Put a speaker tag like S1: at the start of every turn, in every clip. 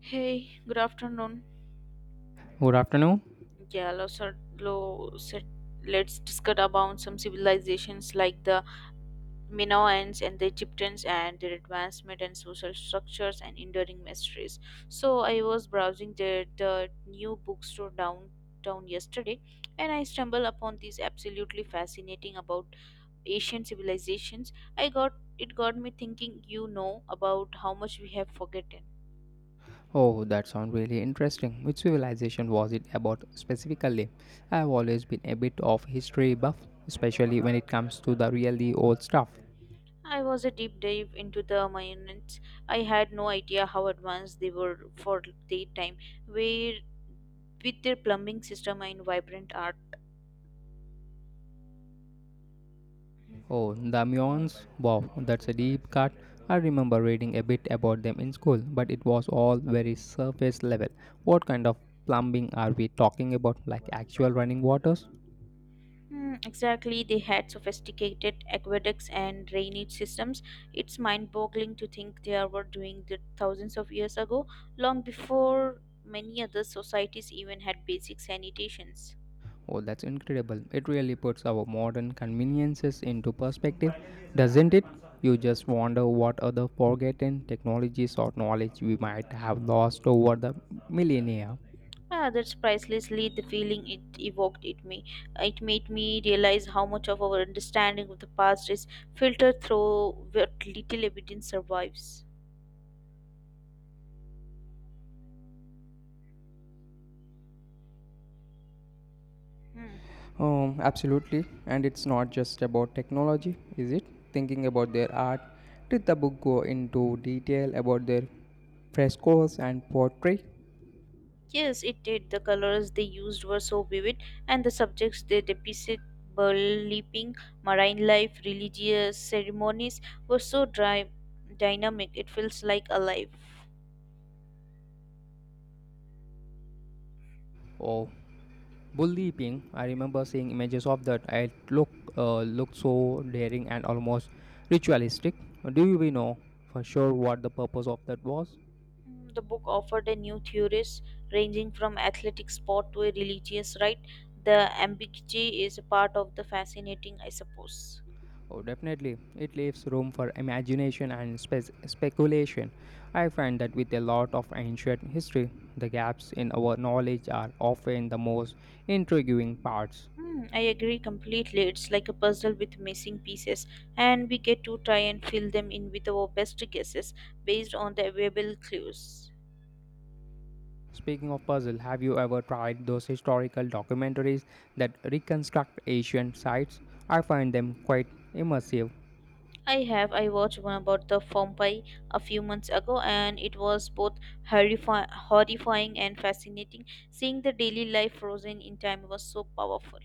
S1: Hey, good afternoon.
S2: Good afternoon.
S1: Yeah, let's discuss about some civilizations like the Minoans and the Egyptians and their advancement and social structures and enduring mysteries. So I was browsing the new bookstore downtown yesterday, and I stumbled upon this absolutely fascinating about Asian civilizations. I got it got me thinking. You know about how much we have forgotten.
S2: Oh, that sounds really interesting. Which civilization was it about specifically? I've always been a bit of history buff, especially when it comes to the really old stuff.
S1: I was a deep dive into the Mayans. I had no idea how advanced they were for their time, where with their plumbing system and vibrant art.
S2: Oh, the Mayans. Wow, that's a deep cut. I remember reading a bit about them in school, but it was all very surface level. What kind of plumbing are we talking about? Like actual running waters?
S1: Hmm, exactly, they had sophisticated aqueducts and drainage systems. It's mind-boggling to think they were doing that thousands of years ago, long before many other societies even had basic sanitations.
S2: Oh, that's incredible. It really puts our modern conveniences into perspective, doesn't it? You just wonder what other forgotten technologies or knowledge we might have lost over the millennia.
S1: Ah, that's pricelessly the feeling it evoked in me. It made me realize how much of our understanding of the past is filtered through what little evidence survives. Hmm.
S2: Absolutely. And it's not just about technology, is it? Thinking about their art, did the book go into detail about their frescoes and pottery?
S1: Yes, it did. The colors they used were so vivid, and the subjects they depicted, leaping, marine life, religious ceremonies, were so dry, dynamic. It feels like alive.
S2: Oh, Bully Ping, I remember seeing images of that. It looked looked so daring and almost ritualistic. Do we know for sure what the purpose of that was?
S1: The book offered a new theories ranging from athletic sport to a religious right. The ambiguity is a part of the fascinating, I suppose.
S2: Oh, definitely. It leaves room for imagination and speculation. I find that with a lot of ancient history, the gaps in our knowledge are often the most intriguing parts.
S1: Hmm, I agree completely. It's like a puzzle with missing pieces, and we get to try and fill them in with our best guesses based on the available clues.
S2: Speaking of puzzle, have you ever tried those historical documentaries that reconstruct ancient sites? I find them quite immersive.
S1: I have. I watched one about the Pompeii a few months ago, and it was both horrifying and fascinating. Seeing the daily life frozen in time was so powerful.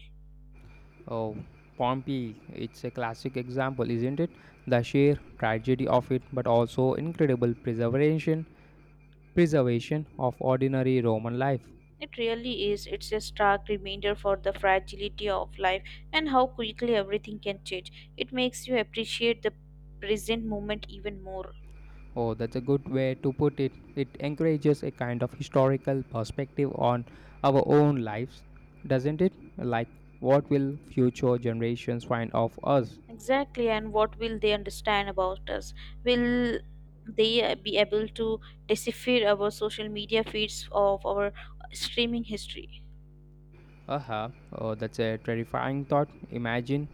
S2: Oh, Pompeii, it's a classic example, isn't it? The sheer tragedy of it, but also incredible preservation, preservation of ordinary Roman life.
S1: It really is. It's a stark reminder for the fragility of life and how quickly everything can change. It makes you appreciate the present moment even more.
S2: Oh, that's a good way to put it. It encourages a kind of historical perspective on our own lives, doesn't it? Like, what will future generations find of us?
S1: Exactly, and what will they understand about us? Will they be able to decipher our social media feeds of our streaming history?
S2: Aha, oh, that's a terrifying thought. Imagine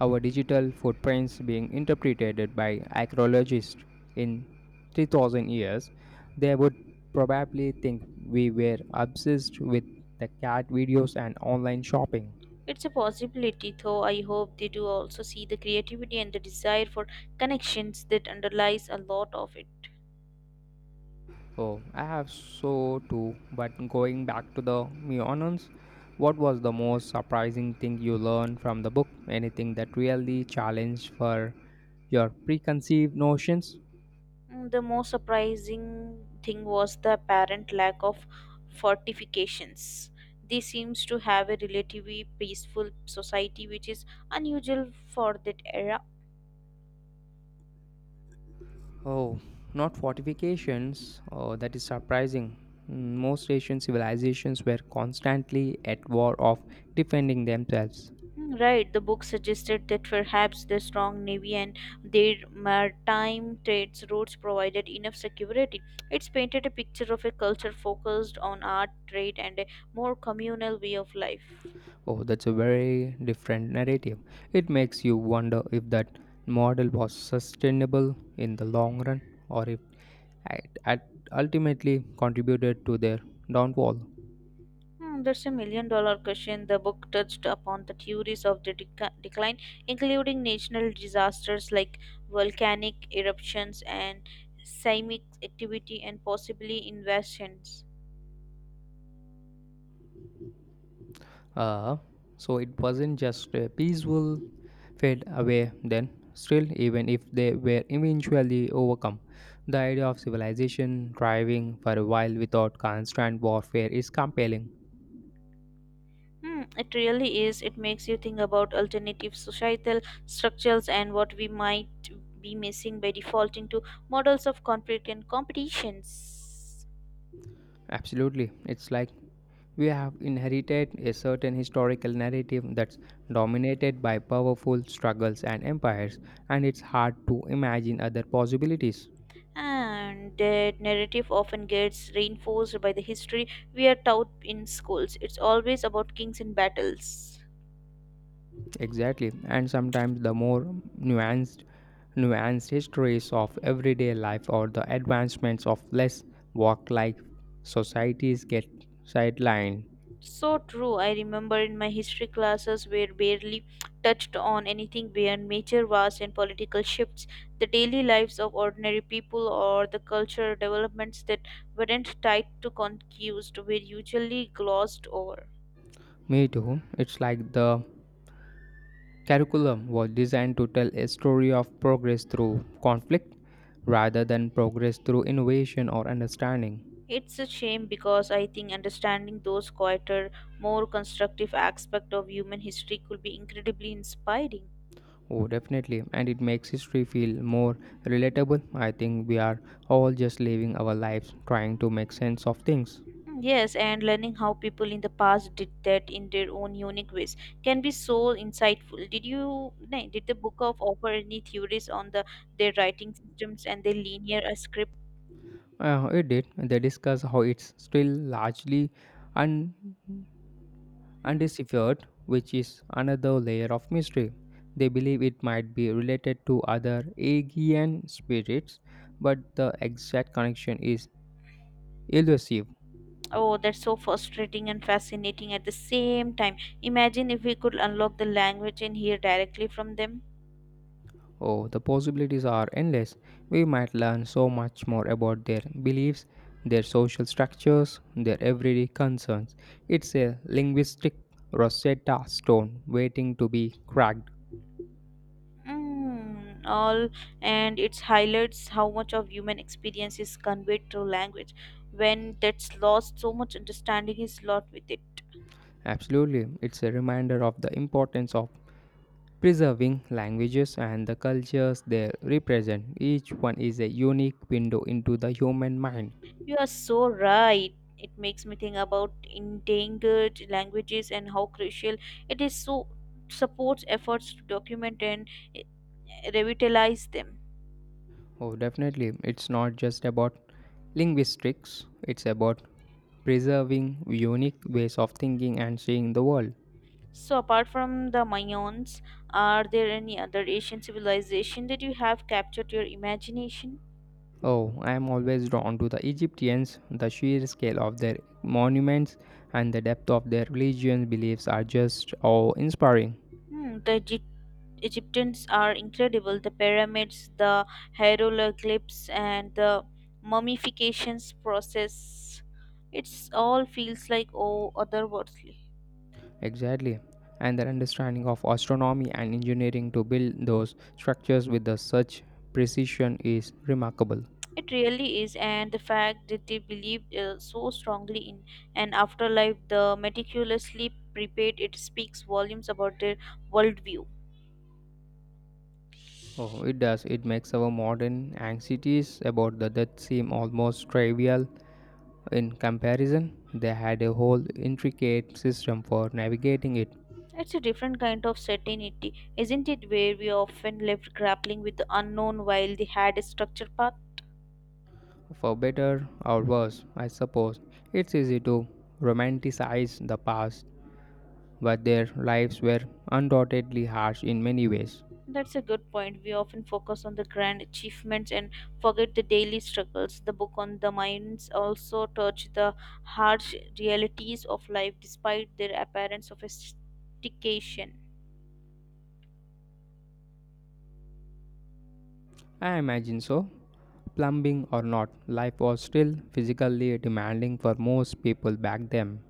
S2: our digital footprints being interpreted by archaeologists in 3000 years, they would probably think we were obsessed with the cat videos and online shopping.
S1: It's a possibility, though I hope they do also see the creativity and the desire for connections that underlies a lot of it.
S2: Oh, I have so too, but going back to the Meonons, what was the most surprising thing you learned from the book? Anything that really challenged for your preconceived notions?
S1: The most surprising thing was the apparent lack of fortifications. This seems to have a relatively peaceful society, which is unusual for that era.
S2: Oh, not fortifications. Oh, that is surprising. Mm, most Asian civilizations were constantly at war of defending themselves.
S1: Mm, right, the book suggested that perhaps the strong navy and their maritime trades routes provided enough security. It's painted a picture of a culture focused on art, trade, and a more communal way of life.
S2: Oh, that's a very different narrative. It makes you wonder if that model was sustainable in the long run or if it ultimately contributed to their downfall.
S1: Hmm, that's a million dollar question. The book touched upon the theories of the decline, including natural disasters like volcanic eruptions and seismic activity and possibly invasions.
S2: Uh, so it wasn't just a peaceful fade away then. Still, even if they were eventually overcome, the idea of civilization thriving for a while without constant warfare is compelling.
S1: Hmm, it really is. It makes you think about alternative societal structures and what we might be missing by defaulting to models of conflict and competitions.
S2: Absolutely. It's like we have inherited a certain historical narrative that's dominated by powerful struggles and empires, and it's hard to imagine other possibilities.
S1: And that narrative often gets reinforced by the history we are taught in schools. It's always about kings and battles.
S2: Exactly. And sometimes the more nuanced nuanced histories of everyday life or the advancements of less work like societies get sidelined.
S1: So true. I remember in my history classes were barely touched on anything beyond major wars and political shifts, the daily lives of ordinary people, or the cultural developments that weren't tied to conquest were usually glossed over.
S2: Me too. It's like the curriculum was designed to tell a story of progress through conflict rather than progress through innovation or understanding.
S1: It's a shame because I think understanding those quieter, more constructive aspects of human history could be incredibly inspiring.
S2: Oh, definitely. And it makes history feel more relatable. I think we are all just living our lives trying to make sense of things.
S1: Mm, yes, and learning how people in the past did that in their own unique ways can be so insightful. Did the book of offer any theories on the their writing systems and their linear script?
S2: It did. They discuss how it's still largely un-
S1: Hmm.
S2: undeciphered, which is another layer of mystery. They believe it might be related to other Aegean spirits, but the exact connection is elusive.
S1: Oh, that's so frustrating and fascinating at the same time. Imagine if we could unlock the language and hear directly from them.
S2: Oh, the possibilities are endless. We might learn so much more about their beliefs, their social structures, their everyday concerns. It's a linguistic Rosetta Stone waiting to be cracked.
S1: Mm, all, and it highlights how much of human experience is conveyed through language. When that's lost, so much understanding is lost with it.
S2: Absolutely, it's a reminder of the importance of preserving languages and the cultures they represent. Each one is a unique window into the human mind.
S1: You are so right. It makes me think about endangered languages and how crucial it is so supports efforts to document and, eh, revitalize them.
S2: Oh, definitely, it's not just about linguistics, it's about preserving unique ways of thinking and seeing the world.
S1: So apart from the Mayans, are there any other Asian civilization that you have captured your imagination?
S2: Oh, I am always drawn to the Egyptians. The sheer scale of their monuments and the depth of their religious beliefs are just awe inspiring.
S1: Hmm, the Egyptians are incredible. The pyramids, the hieroglyphs, and the mummifications process. It's all feels like oh otherworldly.
S2: Exactly. And their understanding of astronomy and engineering to build those structures with the such precision is remarkable.
S1: It really is, and the fact that they believed so strongly in an afterlife, the meticulously prepared, it speaks volumes about their worldview.
S2: Oh, it does. It makes our modern anxieties about the death seem almost trivial in comparison. They had a whole intricate system for navigating it,
S1: It's a different kind of certainty, isn't it? Where we often left grappling with the unknown while they had a structured path.
S2: for better or worse, I suppose. It's easy to romanticize the past, but their lives were undoubtedly harsh in many ways.
S1: That's a good point. We often focus on the grand achievements and forget the daily struggles. The book on the mines also touched the harsh realities of life despite their apparent sophistication.
S2: I imagine so. Plumbing or not, life was still physically demanding for most people back then.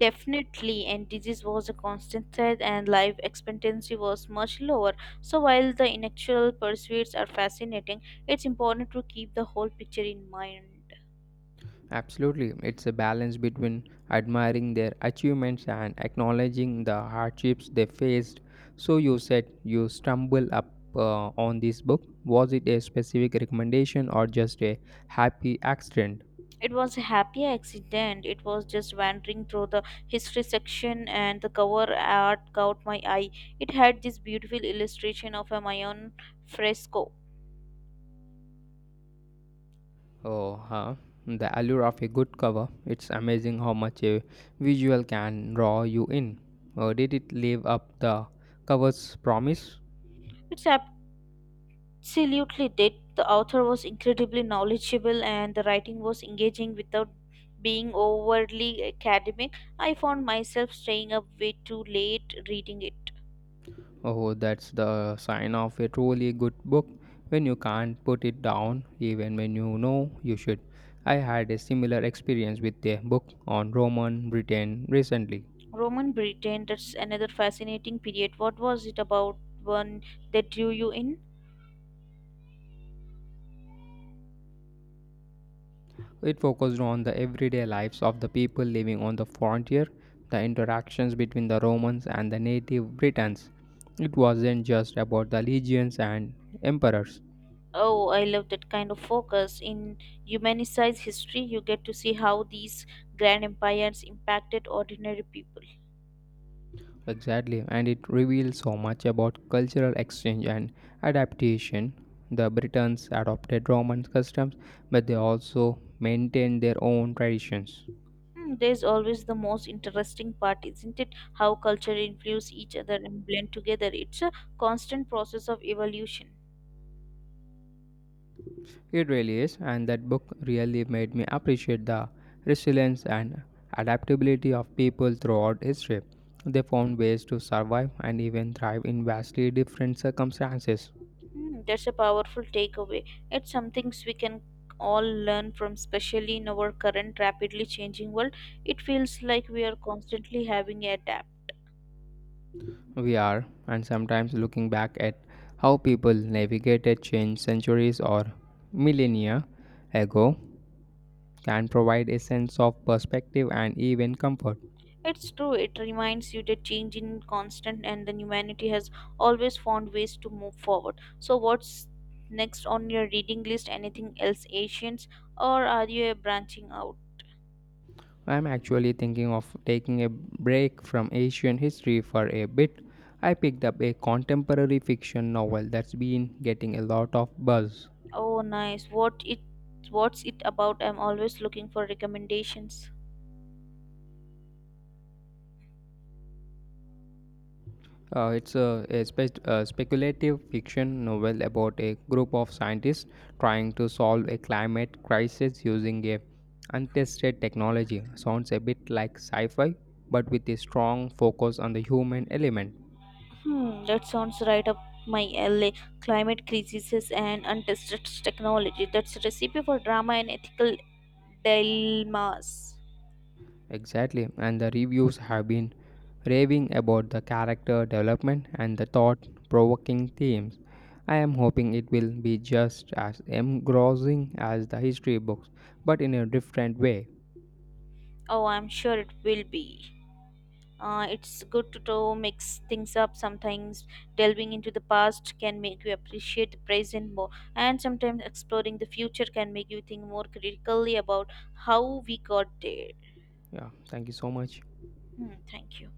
S1: Definitely, and disease was a constant threat, and life expectancy was much lower. So, while the intellectual pursuits are fascinating, it's important to keep the whole picture in mind.
S2: Absolutely, it's a balance between admiring their achievements and acknowledging the hardships they faced. So, you said you stumbled up on this book. Was it a specific recommendation or just a happy accident?
S1: It was a happy accident. It was just wandering through the history section and the cover art caught my eye. It had this beautiful illustration of a Mayan fresco.
S2: Oh, huh. The allure of a good cover. It's amazing how much a visual can draw you in. Did it live up the cover's promise?
S1: It's absolutely did. The author was incredibly knowledgeable and the writing was engaging without being overly academic. I found myself staying up way too late reading it.
S2: Oh, that's the sign of a truly good book when you can't put it down, even when you know you should. I had a similar experience with a book on Roman Britain recently.
S1: Roman Britain, that's another fascinating period. What was it about one that drew you in?
S2: It focused on the everyday lives of the people living on the frontier, the interactions between the Romans and the native Britons. It wasn't just about the legions and emperors.
S1: Oh, I love that kind of focus. In Humanicize History, you get to see how these grand empires impacted ordinary people.
S2: Exactly, and it reveals so much about cultural exchange and adaptation. The Britons adopted Roman customs, but they also maintained their own traditions.
S1: Hmm, there's always the most interesting part, isn't it? How culture influence each other and blend together. It's a constant process of evolution.
S2: It really is, and that book really made me appreciate the resilience and adaptability of people throughout history. They found ways to survive and even thrive in vastly different circumstances.
S1: Hmm, that's a powerful takeaway. It's some things we can all learn from, especially in our current rapidly changing world. It feels like we are constantly having a adapt.
S2: We are, and sometimes looking back at how people navigated change centuries or millennia ago can provide a sense of perspective and even comfort.
S1: It's true, it reminds you that change in constant and then humanity has always found ways to move forward. So what's next on your reading list? Anything else Asians, or are you branching out?
S2: I am actually thinking of taking a break from Asian history for a bit. I picked up a contemporary fiction novel that's been getting a lot of buzz.
S1: Oh, nice. What it what's it about? I'm always looking for recommendations.
S2: It's a speculative fiction novel about a group of scientists trying to solve a climate crisis using a untested technology. Sounds a bit like sci-fi, but with a strong focus on the human element.
S1: Hmm, that sounds right up my alley. Climate crises and untested technology. That's a recipe for drama and ethical dilemmas.
S2: Exactly, and the reviews have been raving about the character development and the thought-provoking themes. I am hoping it will be just as engrossing as the history books, but in a different way.
S1: Oh, I'm sure it will be. It's good to mix things up. Sometimes delving into the past can make you appreciate the present more, and sometimes exploring the future can make you think more critically about how we got there.
S2: Yeah, thank you so much.
S1: Hmm, thank you.